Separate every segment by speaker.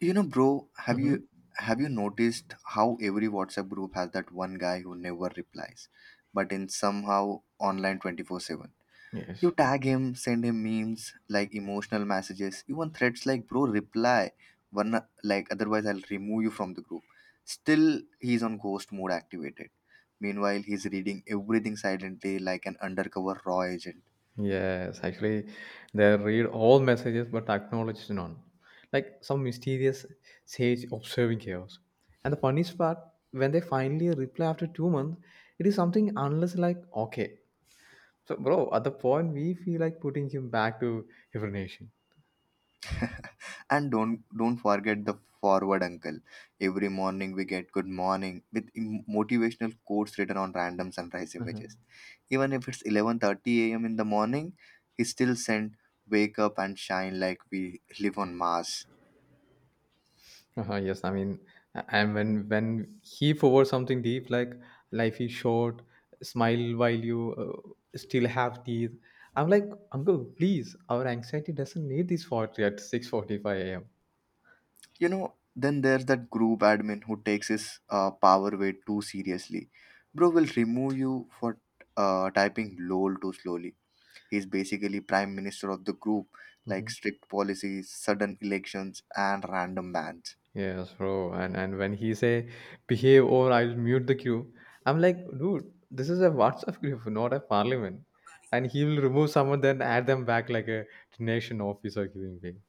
Speaker 1: You know, bro, have
Speaker 2: Mhm.
Speaker 1: you have you noticed how every WhatsApp group has that one guy who never replies, but in somehow online 24/7. You
Speaker 2: Yes.
Speaker 1: tag him, send him memes, like emotional messages, even threats like bro reply, one like otherwise I'll remove you from the group. Still he's on ghost mode activated. Meanwhile, he's reading everything silently like an undercover raw agent.
Speaker 2: Yes. Actually, they read all messages but acknowledge none. Like some mysterious sage observing chaos. And the funniest part, when they finally reply after 2 months, it is something unless like okay. So bro, at the point we feel like putting him back to hibernation.
Speaker 1: And don't forget the forward uncle. Every morning we get good morning with motivational quotes written on random sunrise images. Even if it's 11:30 a.m. in the morning, he still sent wake up and shine like we live on Mars.
Speaker 2: Uh-huh, yes, I mean, and when he forwards something deep like "life is short," smile while you still have teeth. I'm like, Uncle, please, our anxiety doesn't need this 40 at 6:45 a.m.
Speaker 1: You know, then there's that group admin who takes his power way too seriously. Bro will remove you for typing lol too slowly. He's basically prime minister of the group, like
Speaker 2: Mhm.
Speaker 1: strict policies, sudden elections, and random bans.
Speaker 2: Yes, bro. And when he say behave or I'll mute the queue, I'm like, dude, this is a WhatsApp group, not a parliament. And he will remove someone, then add them back like a nation officer giving thing.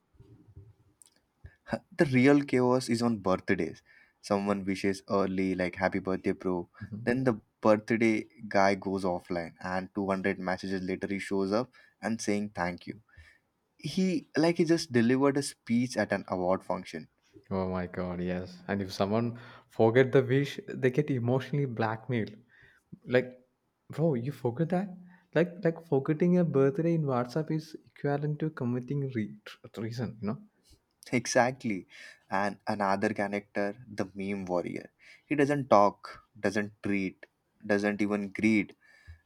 Speaker 1: The real chaos is on birthdays. Someone wishes early, like happy birthday, bro. Then the birthday guy goes offline, and 200 messages later, he shows up and saying thank you. He like he just delivered a speech at an award function.
Speaker 2: Oh my god, yes. And if someone forget the wish, they get emotionally blackmailed. Like, bro, you forget that? Like, forgetting a birthday in WhatsApp is equivalent to committing treason. You know?
Speaker 1: Exactly. And another character, the meme warrior. He doesn't talk, doesn't treat, doesn't even greet,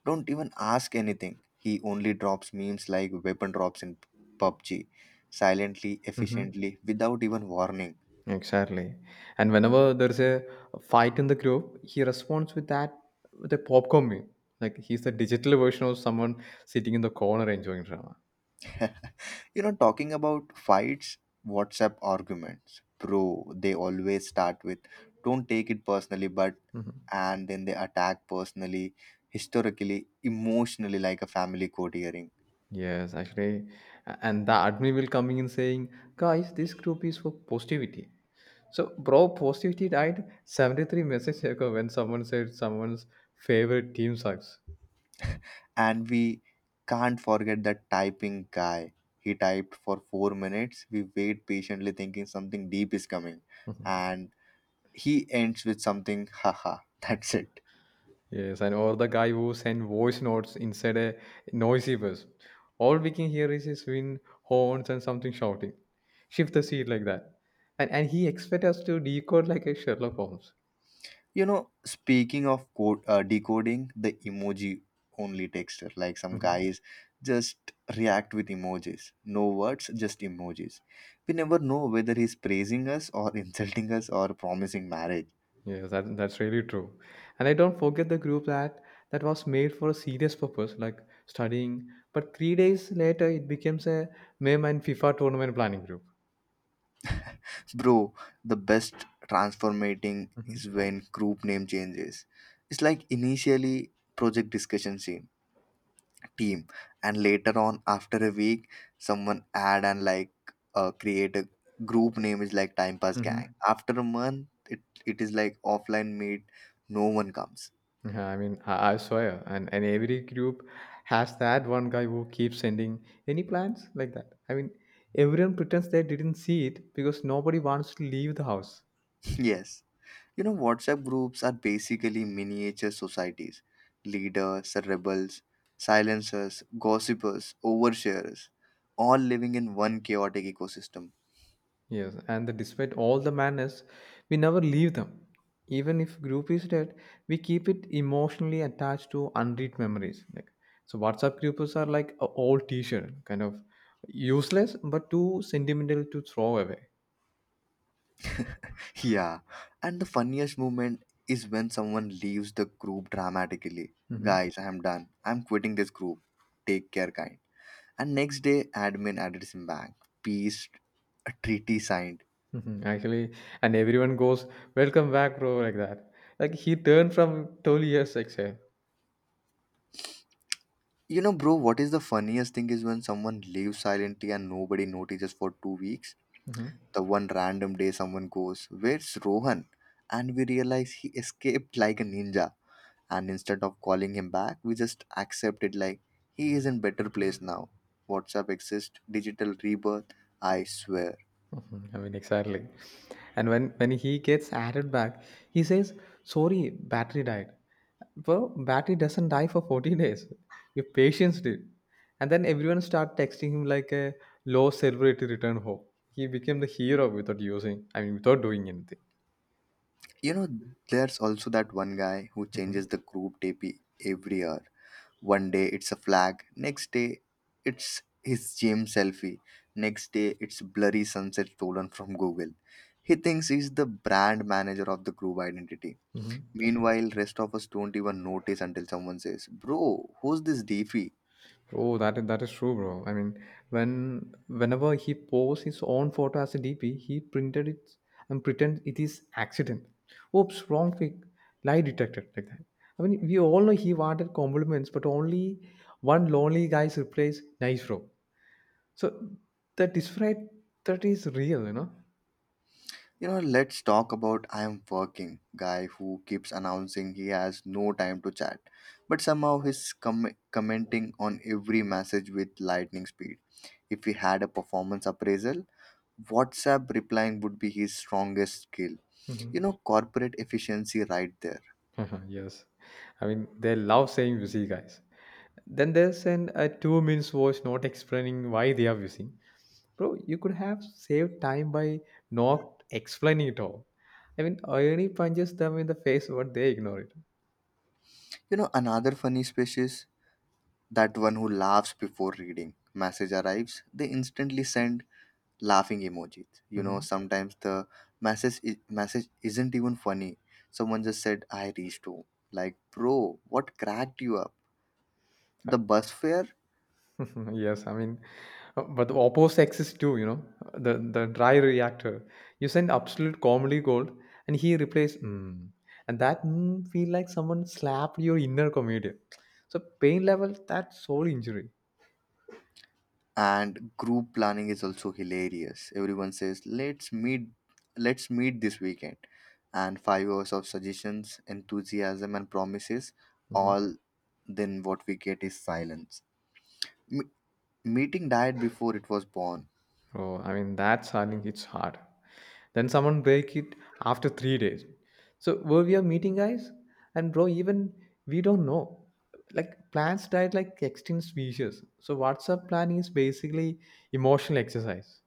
Speaker 1: don't even ask anything. He only drops memes like weapon drops in PUBG, silently,
Speaker 2: Hmm.
Speaker 1: efficiently, without even warning.
Speaker 2: Exactly. And whenever there's a fight in the group, he responds with a popcorn meme. Like he's the digital version of someone sitting in the corner enjoying drama.
Speaker 1: You know, talking about fights, WhatsApp arguments. Bro, they always start with don't take it personally, but
Speaker 2: Hmm.
Speaker 1: and then they attack personally, historically, emotionally, like a family court hearing.
Speaker 2: Yes, actually, and the admin will coming in saying, "Guys, this group is for positivity." So, bro, positivity died 73 messages ago when someone said someone's favorite team sucks.
Speaker 1: And we can't forget that typing guy. He typed for 4 minutes. We wait patiently, thinking something deep is coming. And he ends with something, haha, that's it.
Speaker 2: Yes, and or the guy who sent voice notes inside a noisy bus. All we can hear is his wind horns and something shouting. Shift the seat like that. And he expects us to decode like a Sherlock Holmes.
Speaker 1: You know, speaking of code, decoding, the emoji only texter, like some guys just react with emojis. No words, just emojis. We never know whether he's praising us or insulting us or promising marriage.
Speaker 2: Yes, that's really true. And I don't forget the group that was made for a serious purpose, like studying. But 3 days later, it becomes a meme and FIFA tournament planning group.
Speaker 1: Bro, the best transformating
Speaker 2: Hmm.
Speaker 1: is when group name changes. It's like initially project discussion team, team and later on after a week someone add and like create a group name is like time pass
Speaker 2: Hmm.
Speaker 1: gang. After a month, it is like offline meet no one comes.
Speaker 2: Yeah, I mean, I swear. And every group has that one guy who keeps sending any plans like that. I mean, everyone pretends they didn't see it because nobody wants to leave the house.
Speaker 1: Yes. You know, WhatsApp groups are basically miniature societies, leaders, rebels, silencers, gossipers, oversharers, all living in one chaotic ecosystem.
Speaker 2: Yes, and despite all the madness, we never leave them. Even if group is dead, we keep it emotionally attached to unread memories. Like so, WhatsApp groups are like a old T-shirt, kind of useless but too sentimental to throw away.
Speaker 1: Yeah, and the funniest moment is when someone leaves the group dramatically.
Speaker 2: Hmm.
Speaker 1: Guys, I am done. I'm quitting this group. Take care, kind. And next day, admin added him back. Peace, a treaty signed.
Speaker 2: Hmm. Actually, and everyone goes, "Welcome back, bro," like that. Like he turned from 12 years exile.
Speaker 1: You know, bro, what is the funniest thing is when someone leaves silently and nobody notices for 2 weeks. The one random day someone goes, where's Rohan? And we realize he escaped like a ninja. And instead of calling him back, we just accept it like he is in better place now. WhatsApp exists, digital rebirth, I swear.
Speaker 2: Mhm. I mean, exactly. And when he gets added back, he says, "Sorry, battery died." Well, battery doesn't die for 40 days. Your patience did. And then everyone start texting him like a low celebrity return home. He became the hero without using, I mean, without doing anything.
Speaker 1: You know, there's also that one guy who changes the group DP every year. One day it's a flag, next day it's his gym selfie, next day it's blurry sunset stolen from Google. He thinks he's the brand manager of the group identity.
Speaker 2: Mm-hmm.
Speaker 1: Meanwhile, rest of us don't even notice until someone says, bro, who's this Defi?
Speaker 2: Oh, that is true, bro. I mean, whenever he posts his own photo as a DP, he printed it and pretend it is accident. Oops, wrong pic, lie detected like that. I mean, we all know he wanted compliments, but only one lonely guy's replies, nice bro. So the disparate that is real, you know.
Speaker 1: You know, let's talk about I am working guy who keeps announcing he has no time to chat, but somehow he's commenting on every message with lightning speed. If we had a performance appraisal, WhatsApp replying would be his strongest skill. You
Speaker 2: Mhm.
Speaker 1: know, corporate efficiency right there.
Speaker 2: Yes, I mean they love saying busy guys. Then they send a 2 minutes voice not explaining why they are busy. Bro, you could have saved time by not explaining it all. I mean, irony punches them in the face, but they ignore it.
Speaker 1: You know, another funny species that one who laughs before reading. Message arrives, they instantly send laughing emojis. You know,
Speaker 2: Hmm.
Speaker 1: sometimes the message isn't even funny. Someone just said, "I reached home." Like, bro, what cracked you up? The bus fare,
Speaker 2: Yes, I mean, but the opposite exists too. You know, the dry reactor. You send absolute comedy gold, and he replaces mm, and that mm, feel like someone slapped your inner comedian. So pain level, that's soul injury.
Speaker 1: and group planning is also hilarious. Everyone says, let's meet this weekend," and 5 hours of suggestions, enthusiasm, and promises.
Speaker 2: Hmm.
Speaker 1: All then what we get is silence. Me- Meeting died before it was born.
Speaker 2: Oh, I mean that's I think it's hard. Then someone break it after 3 days. So were we a meeting guys? And bro, even we don't know. Like plants died like extinct species. So WhatsApp plan is basically emotional exercise.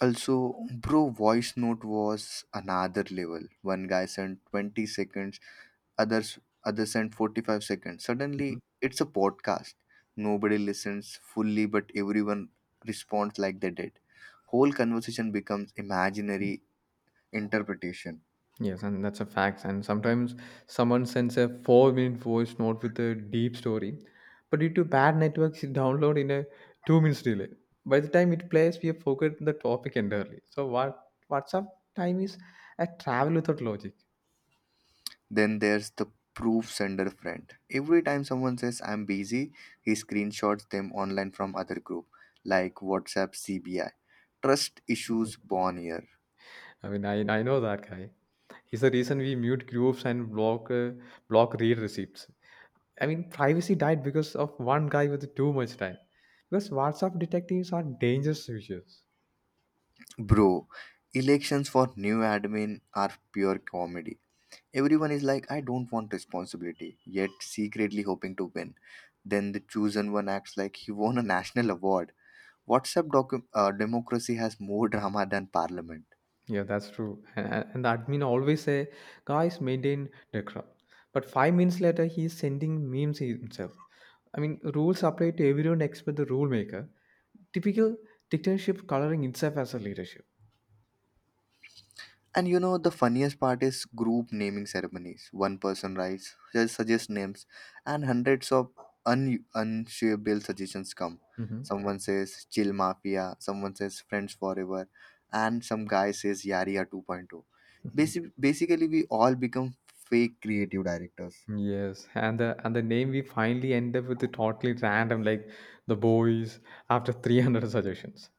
Speaker 1: Also, bro, voice note was another level. One guy sent 20 seconds, others others sent 45 seconds.
Speaker 2: Mhm.
Speaker 1: Suddenly, it's a podcast. Nobody listens fully, but everyone responds like they did. Whole conversation becomes imaginary interpretation.
Speaker 2: Yes, and that's a fact. And sometimes someone sends a 4 minute voice note with a deep story, but due to bad networks, it download in a 2 minutes delay. By the time it plays, we have forgotten the topic entirely. So what WhatsApp time is a travel without logic.
Speaker 1: Then there's the proof sender friend. Every time someone says I'm busy, he screenshots them online from other group like WhatsApp CBI. Trust
Speaker 2: Mhm.
Speaker 1: issues born here.
Speaker 2: I mean, I know that guy. He's the reason we mute groups and block read receipts. I mean, privacy died because of one guy with too much time. Because WhatsApp detectives are dangerous users.
Speaker 1: Bro, elections for new admin are pure comedy. Everyone is like, I don't want responsibility, yet secretly hoping to win. Then the chosen one acts like he won a national award. WhatsApp democracy has more drama than parliament.
Speaker 2: Yeah, that's true. And the admin always say, guys, maintain decorum. But 5 minutes later, he's sending memes himself. I mean, rules apply to everyone except the rule maker. Typical dictatorship coloring itself as a leadership.
Speaker 1: And you know, the funniest part is group naming ceremonies. One person writes, just suggests names, and hundreds of unshareable suggestions come.
Speaker 2: Hmm.
Speaker 1: Someone says, chill mafia, someone says, friends forever, and some guy says, Yaria 2.0. Point oh.
Speaker 2: Hmm.
Speaker 1: Basically, we all become fake creative directors.
Speaker 2: Yes, and the name we finally end up with is totally random, like the boys after 300 suggestions.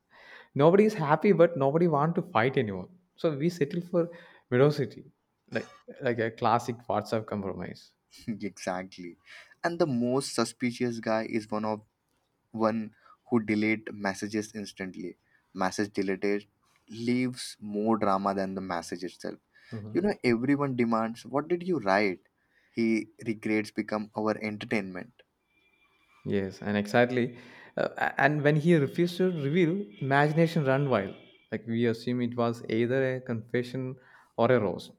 Speaker 2: Nobody is happy, but nobody want to fight anymore. So we settle for velocity, like like a classic WhatsApp compromise.
Speaker 1: Exactly. And the most suspicious guy is one who delete messages instantly. Message deleted leaves more drama than the message itself. You
Speaker 2: Mhm.
Speaker 1: know, everyone demands, what did you write? He regrets become our entertainment.
Speaker 2: Yes, and exactly. And when he refused to reveal, imagination ran wild. Like we assume it was either a confession or a roast.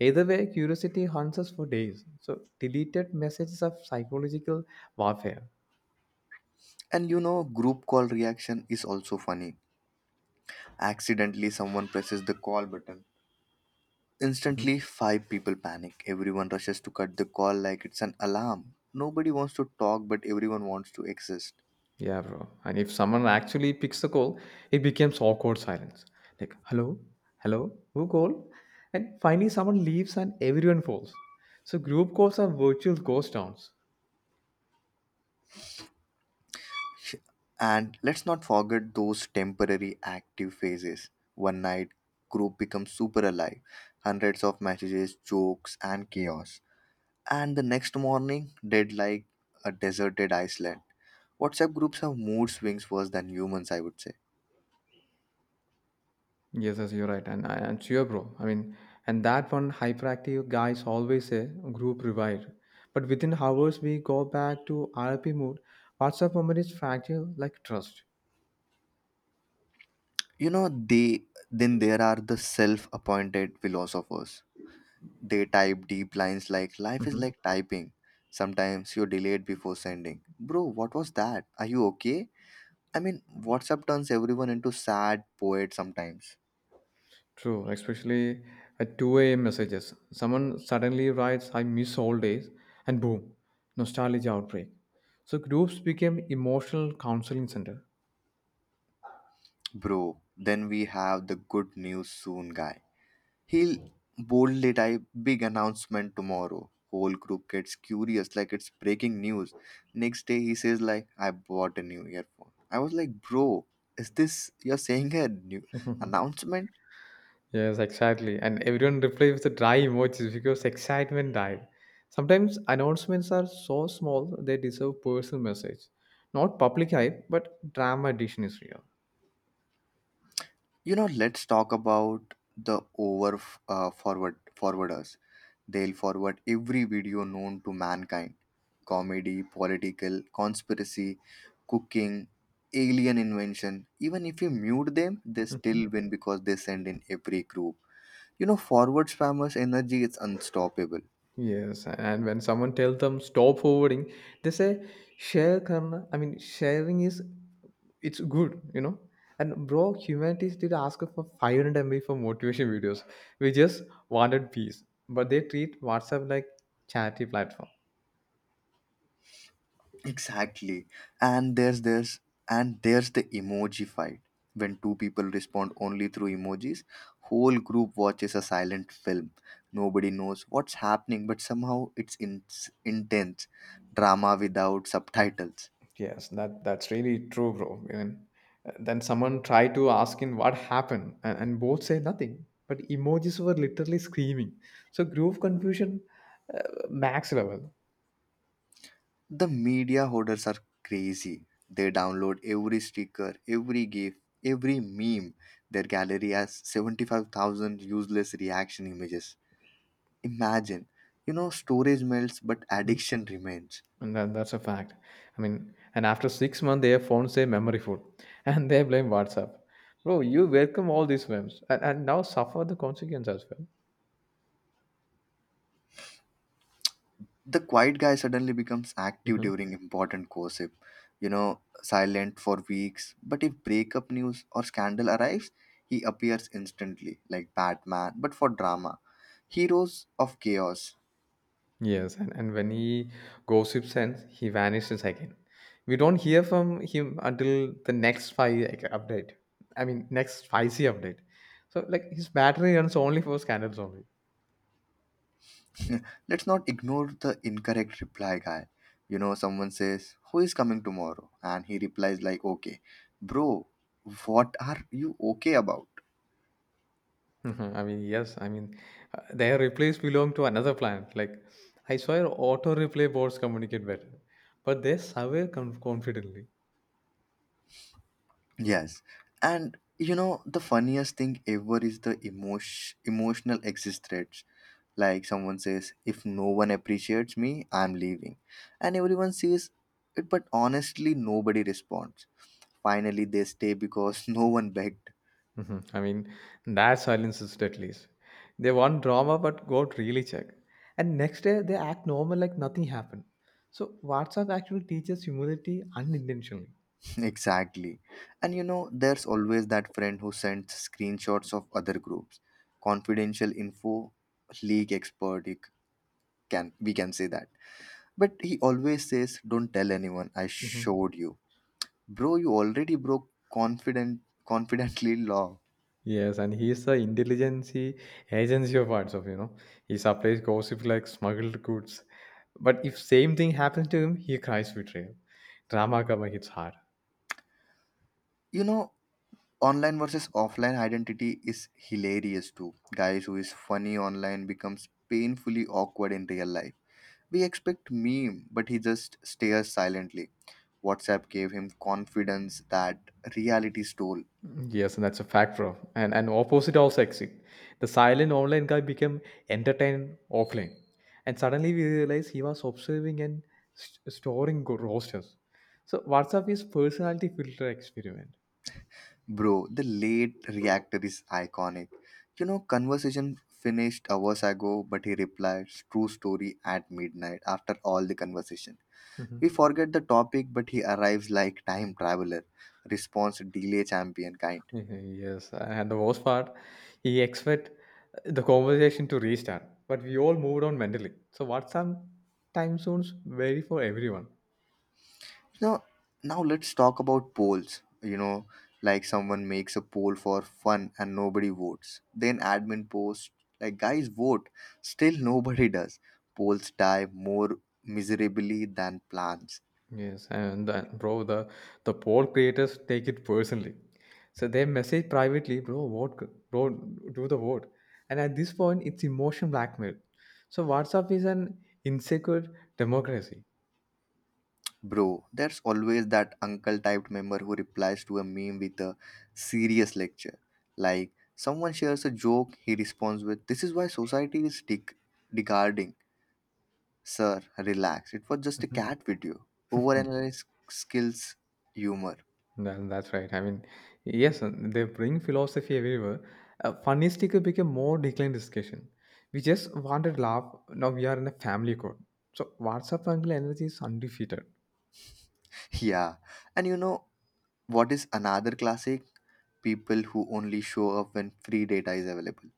Speaker 2: Either way, curiosity haunts us for days. So, deleted messages of psychological warfare.
Speaker 1: And you know, group call reaction is also funny. Accidentally, someone presses the call button.
Speaker 2: Mhm.
Speaker 1: Instantly, five people panic. Everyone rushes to cut the call like it's an alarm. Nobody wants to talk, but everyone wants to exist.
Speaker 2: Yeah, bro. And if someone actually picks the call, it becomes awkward silence. Like, hello, hello, who called? And finally, someone leaves and everyone falls. So, group calls are virtual ghost towns.
Speaker 1: Sh- And let's not forget those temporary active phases. One night, group becomes super alive, hundreds of messages, jokes, and chaos. And the next morning, dead like a deserted Iceland. WhatsApp groups have mood swings worse than humans, I would say.
Speaker 2: Yes, yes, you're right, and sure, bro. I mean, and that one hyperactive guys always say group revived, but within hours we go back to RP mode. WhatsApp memory is fragile like trust.
Speaker 1: You know, they Then there are the self-appointed philosophers. They type deep lines like life is
Speaker 2: Mhm.
Speaker 1: like typing. Sometimes you're delayed before sending. Bro, what was that? Are you okay? I mean, WhatsApp turns everyone into sad poet sometimes.
Speaker 2: True, especially at 2 a.m. messages. Someone suddenly writes, I miss all days, and boom, nostalgia outbreak. So groups became emotional counseling center.
Speaker 1: Bro, then we have the good news soon guy. He'll boldly type big announcement tomorrow. Whole group gets curious like it's breaking news. Next day he says like I bought a new earphone. I was like, bro, is this you're saying a new announcement?
Speaker 2: Yes, exactly. And everyone replies with the dry emojis because excitement died. Sometimes announcements are so small they deserve personal message. Not public hype, but drama edition is real.
Speaker 1: You know, let's talk about the over forward forwarders. They'll forward every video known to mankind: comedy, political, conspiracy, cooking, alien invention. Even if you mute them, they
Speaker 2: Mhm.
Speaker 1: still win because they send in every group. You know, forward spammers' energy is unstoppable.
Speaker 2: Yes, and when someone tells them stop forwarding, they say share karna. I mean, sharing is it's good, you know. And bro, humanity did ask for 500 MB for motivation videos. We just wanted peace, but they treat WhatsApp like charity platform.
Speaker 1: Exactly. And there's this and there's the emoji fight. When two people respond only through emojis, whole group watches a silent film. Nobody knows what's happening, but somehow it's intense drama without subtitles.
Speaker 2: Yes, that's really true, bro. I And then someone tried to ask him what happened, and both said nothing. But emojis were literally screaming. So group confusion, uh, max level.
Speaker 1: The media hoarders are crazy. They download every sticker, every gif, every meme. Their gallery has 75,000 useless reaction images. Imagine, you know, storage melts, but
Speaker 2: Mhm.
Speaker 1: addiction remains.
Speaker 2: And that's a fact. I mean, and after 6 months, their phones say memory food, and they blame WhatsApp. Bro, you welcome all these memes, and now suffer the consequence as well.
Speaker 1: The quiet guy suddenly becomes active during important gossip, you know, silent for weeks, but if breakup news or scandal arrives he appears instantly like batman but for drama, heroes of chaos.
Speaker 2: Yes, and when he gossips and he vanishes again. We don't hear from him until the next five like, update. I mean, next spicy update. So, like, his battery runs only for scandals only.
Speaker 1: Let's not ignore the incorrect reply guy. You know, someone says who is coming tomorrow and he replies like okay. Bro, what are you okay about?
Speaker 2: Mhm. I mean, yes, I mean, their replies belong to another planet. Like, I swear auto replay boards communicate better, but they survey confidently.
Speaker 1: Yes, and you know the funniest thing ever is the emotional exit threats. Like someone says, if no one appreciates me, I'm leaving. And everyone sees it, but honestly, nobody responds. Finally, they stay because no one begged.
Speaker 2: Mhm. I mean, that silence is least. They want drama, but got really check. And next day, they act normal like nothing happened. So, WhatsApp actually teaches humility unintentionally.
Speaker 1: Exactly. And you know, there's always that friend who sends screenshots of other groups. Confidential info, leak expert, can we can say that. But he always says, don't tell anyone, I
Speaker 2: Mhm.
Speaker 1: showed you. Bro, you already broke confidently law.
Speaker 2: Yes, and he's the intelligence agency of WhatsApp, you know. He supplies gossip like smuggled goods. But if same thing happens to him, he cries betrayal. Drama karma hits hard.
Speaker 1: You know, online versus offline identity is hilarious too. Guys who is funny online becomes painfully awkward in real life. We expect meme, but he just stares silently. WhatsApp gave him confidence that reality stole.
Speaker 2: Yes, and that's a fact, bro. And opposite also exist. The silent online guy became entertained offline, and suddenly we realized he was observing and storing rosters. So WhatsApp is personality filter experiment.
Speaker 1: Bro, the late reactor is iconic. You know, conversation finished hours ago, but he replies true story at midnight after all the conversation. We
Speaker 2: Mhm.
Speaker 1: forget the topic, but he arrives like time traveler, response delay champion kind.
Speaker 2: Mhm. Yes, and the worst part, he expect the conversation to restart, but we all moved on mentally. So WhatsApp time zones vary for everyone.
Speaker 1: Now, now let's talk about polls. You know, like someone makes a poll for fun and nobody votes. Then admin posts like guys vote. Still nobody does. Polls die more miserably than plans.
Speaker 2: Yes, and that, bro, the poll creators take it personally. So they message privately, bro, vote, bro, do the vote. And at this point, it's emotion blackmail. So WhatsApp is an insecure democracy.
Speaker 1: Bro, there's always that uncle typed member who replies to a meme with a serious lecture. Like, someone shares a joke, he responds with, this is why society is degrading. Sir, relax. It was just a
Speaker 2: Mhm.
Speaker 1: cat video. Overanalyze skills humor.
Speaker 2: Then that's right. I mean, yes, and they bring philosophy everywhere. Funny sticker became more declined discussion. We just wanted laugh. Now we are in a family code. So WhatsApp angle energy is undefeated.
Speaker 1: Yeah. And you know what is another classic? People who only show up when free data is available.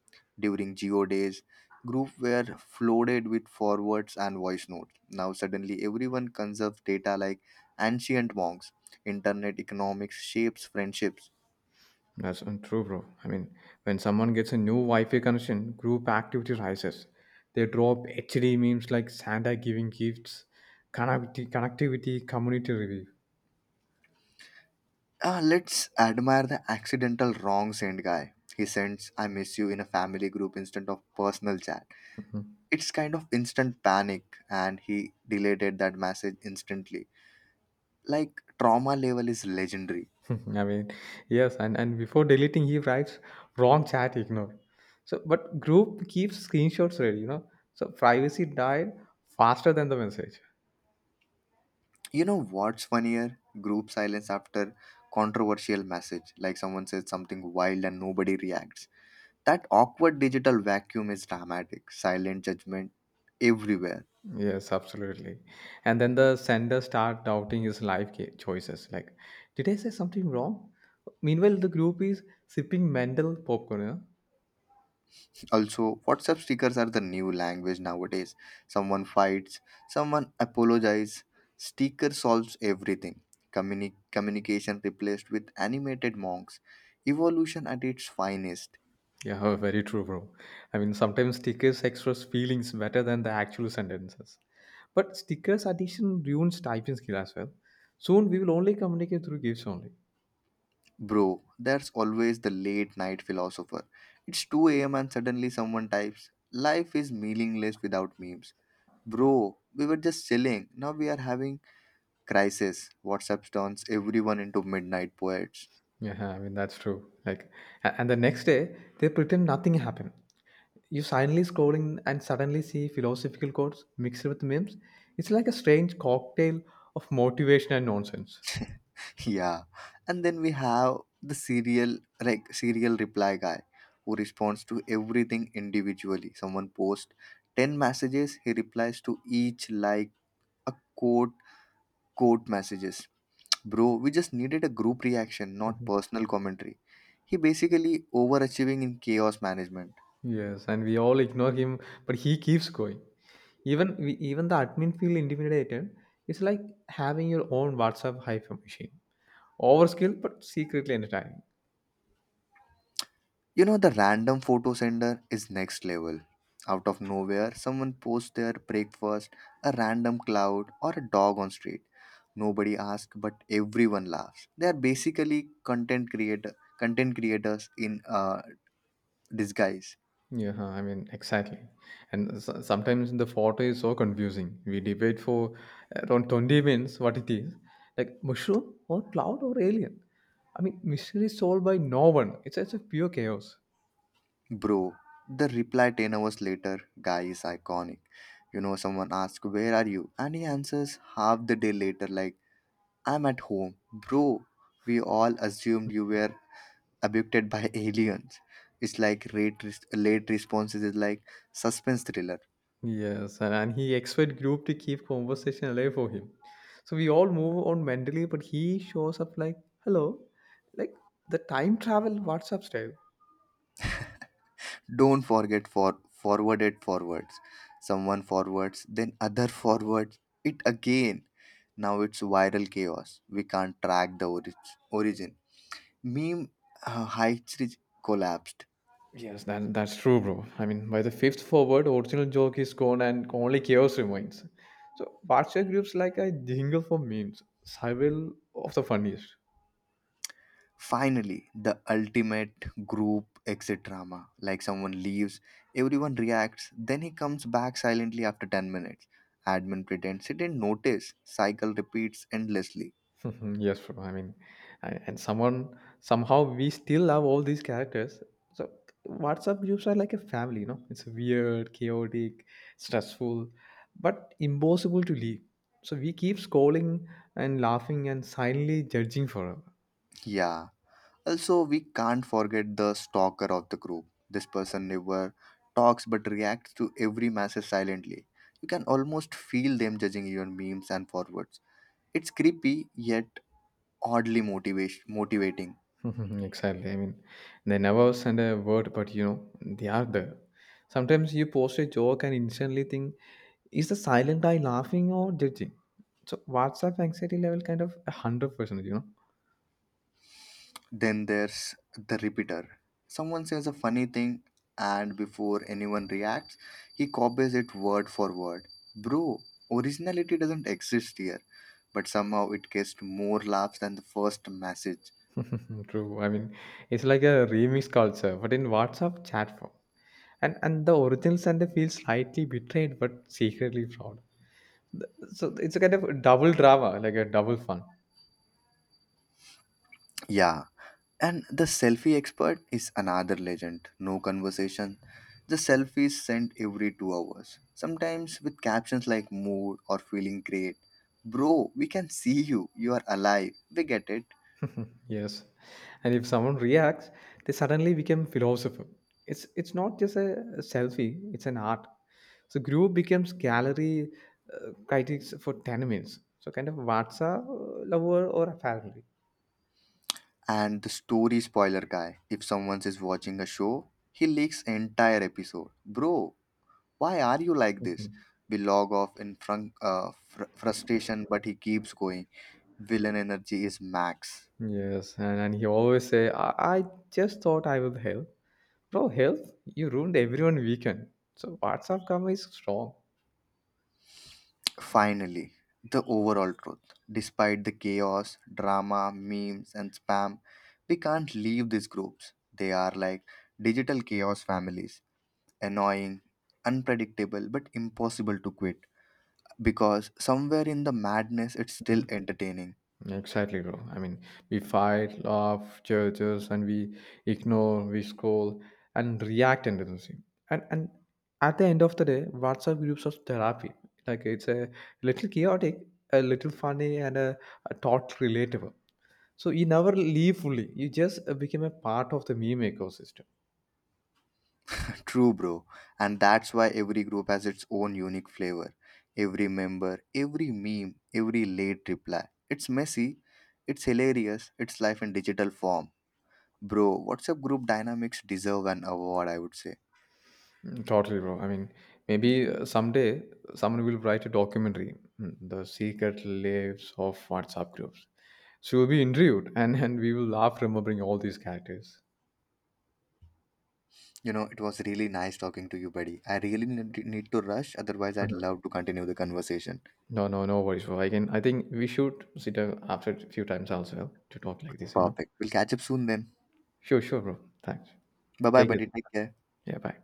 Speaker 1: During geo days, groups were flooded with forwards and voice notes. Now suddenly everyone conserves data like ancient monks. Internet economics shapes friendships.
Speaker 2: That's untrue, bro. I mean, when someone gets a new Wi-Fi connection, group activity rises. They drop HD memes like Santa giving gifts, connectivity, community review.
Speaker 1: Ah, let's admire the accidental wrong send guy. He sends I miss you in a family group instead of personal chat. It's kind of instant panic and he deleted that message instantly. Like trauma level is legendary.
Speaker 2: I mean, yes, and before deleting, he writes wrong chat ignored. So, but group keeps screenshots ready, you know. So privacy died faster than the message.
Speaker 1: You know what's funnier? Group silence after controversial message, like someone says something wild and nobody reacts. That awkward digital vacuum is dramatic. Silent judgment everywhere.
Speaker 2: Yes, absolutely. And then the sender start doubting his life choices. Like, did I say something wrong? Meanwhile, the group is sipping Mandel popcorn.
Speaker 1: Also, WhatsApp stickers are the new language nowadays. Someone fights, someone apologizes. Sticker solves everything. Communication replaced with animated monks. Evolution at its finest.
Speaker 2: Yeah, yeah, very true, bro. I mean, sometimes stickers express feelings better than the actual sentences. But stickers addition ruins typing skill as well. Soon we will only communicate through gifts only.
Speaker 1: Bro, that's always the late night philosopher. It's 2 a.m. and suddenly someone types, "Life is meaningless without memes." Bro, we were just chilling. Now we are having crisis. WhatsApp turns everyone into midnight poets.
Speaker 2: Yeah, I mean that's true. Like, and the next day they pretend nothing happened. You silently scrolling and suddenly see philosophical quotes mixed with memes. It's like a strange cocktail of motivation and nonsense.
Speaker 1: Yeah. And then we have the serial reply guy who responds to everything individually. Someone posts 10 messages, he replies to each like a quote messages. Bro, we just needed a group reaction, not
Speaker 2: Mhm.
Speaker 1: personal commentary. He basically overachieving in chaos management.
Speaker 2: Yes, and we all ignore him, but he keeps going. Even the admin feel intimidated. It's like having your own WhatsApp hyper machine. Overskill, but secretly entertaining.
Speaker 1: You know, the random photo sender is next level. Out of nowhere, someone posts their breakfast, a random cloud, or a dog on street. Nobody asks, but everyone laughs. They are basically content creators in disguise.
Speaker 2: Yeah, I mean, exactly. And s sometimes the photo is so confusing. We debate for around 20 minutes what it is like mushroom or cloud or alien. I mean, mystery is solved by no one. It's such a pure chaos.
Speaker 1: Bro, the reply 10 hours later guy is iconic. You know, someone asks, "Where are you?" And he answers half the day later, like, "I'm at home." Bro, we all assumed you were abducted by aliens. It's like late responses is like suspense thriller.
Speaker 2: Yes, and he expect group to keep conversation alive for him. So we all move on mentally, but he shows up like, hello, like the time travel WhatsApp style.
Speaker 1: Don't forget for forwarded forwards. Someone forwards, then other forwards it again. Now it's viral chaos. We can't track the origin. Meme heights reach collapsed.
Speaker 2: Yes, that's true, bro. I mean, by the fifth forward, original joke is gone and only chaos remains. So, WhatsApp groups like a jingle for memes, several of the funniest.
Speaker 1: Finally, the ultimate group exit drama. Like someone leaves, everyone reacts, then he comes back silently after 10 minutes. Admin pretends he didn't notice. Cycle repeats endlessly.
Speaker 2: Yes, bro. I mean, and someone somehow we still love all these characters. So, WhatsApp groups are like a family, you know. It's weird, chaotic, stressful, but impossible to leave. So we keep scrolling and laughing and silently judging forever.
Speaker 1: Yeah. Also, we can't forget the stalker of the group. This person never talks but reacts to every message silently. You can almost feel them judging your memes and forwards. It's creepy yet oddly motivation motivating.
Speaker 2: Exactly. I mean, they never send a word, but they are there. Sometimes you post a joke and instantly think, is the silent guy laughing or judging? So WhatsApp anxiety level kind of a hundred percent.
Speaker 1: Then there's the repeater. Someone says a funny thing, and before anyone reacts, he copies it word for word. Bro, originality doesn't exist here, but somehow it gets more laughs than the first message.
Speaker 2: True. I mean, it's like a remix culture, but in WhatsApp chat form. And the original sender feels slightly betrayed but secretly proud. So it's a kind of double drama, like a double fun.
Speaker 1: Yeah, and the selfie expert is another legend. No conversation. The selfies sent every 2 hours, sometimes with captions like mood or feeling great. Bro, we can see you. You are alive. We get it.
Speaker 2: Yes. And if someone reacts, they suddenly become philosopher. It's not just a selfie, it's an art. So group becomes gallery critics for 10 minutes. So kind of WhatsApp lover or a family.
Speaker 1: And the story spoiler guy. If someone is watching a show, he leaks entire episode. Bro, why are you like this?
Speaker 2: Mhm.
Speaker 1: We log off in frustration, but he keeps going. Villain energy is max.
Speaker 2: Yes, and he always say, I just thought I would help. Bro, help? You ruined everyone weekend. So WhatsApp karma is strong.
Speaker 1: Finally, the overall truth. Despite the chaos, drama, memes, and spam, we can't leave these groups. They are like digital chaos families. Annoying, unpredictable, but impossible to quit, because somewhere in the madness it's still
Speaker 2: Mhm.
Speaker 1: entertaining.
Speaker 2: Exactly, bro. I mean, we fight, laugh, judges, and we ignore, we scroll, and react endlessly. And at the end of the day, WhatsApp groups of therapy. Like it's a little chaotic, a little funny, and a thought relatable. So you never leave fully. You just become a part of the meme ecosystem.
Speaker 1: True, bro. And that's why every group has its own unique flavor. Every member, every meme, every late reply. It's messy, it's hilarious, it's life in digital form. Bro, WhatsApp group dynamics deserve an award, I would say.
Speaker 2: Mm, totally, bro. I mean, maybe someday someone will write a documentary, The Secret Lives of WhatsApp Groups. So you'll be interviewed and we will laugh remembering all these characters.
Speaker 1: You know, it was really nice talking to you, buddy. I really need to rush, otherwise, I'd
Speaker 2: Mhm.
Speaker 1: love to continue the conversation.
Speaker 2: No, no, no worries, bro. I think we should sit down after a few times as well to talk like this, you know?
Speaker 1: Perfect. We'll catch up soon then.
Speaker 2: Sure, sure, bro. Thanks.
Speaker 1: Bye bye,
Speaker 2: Take it.
Speaker 1: buddy. Take care.
Speaker 2: Yeah, bye.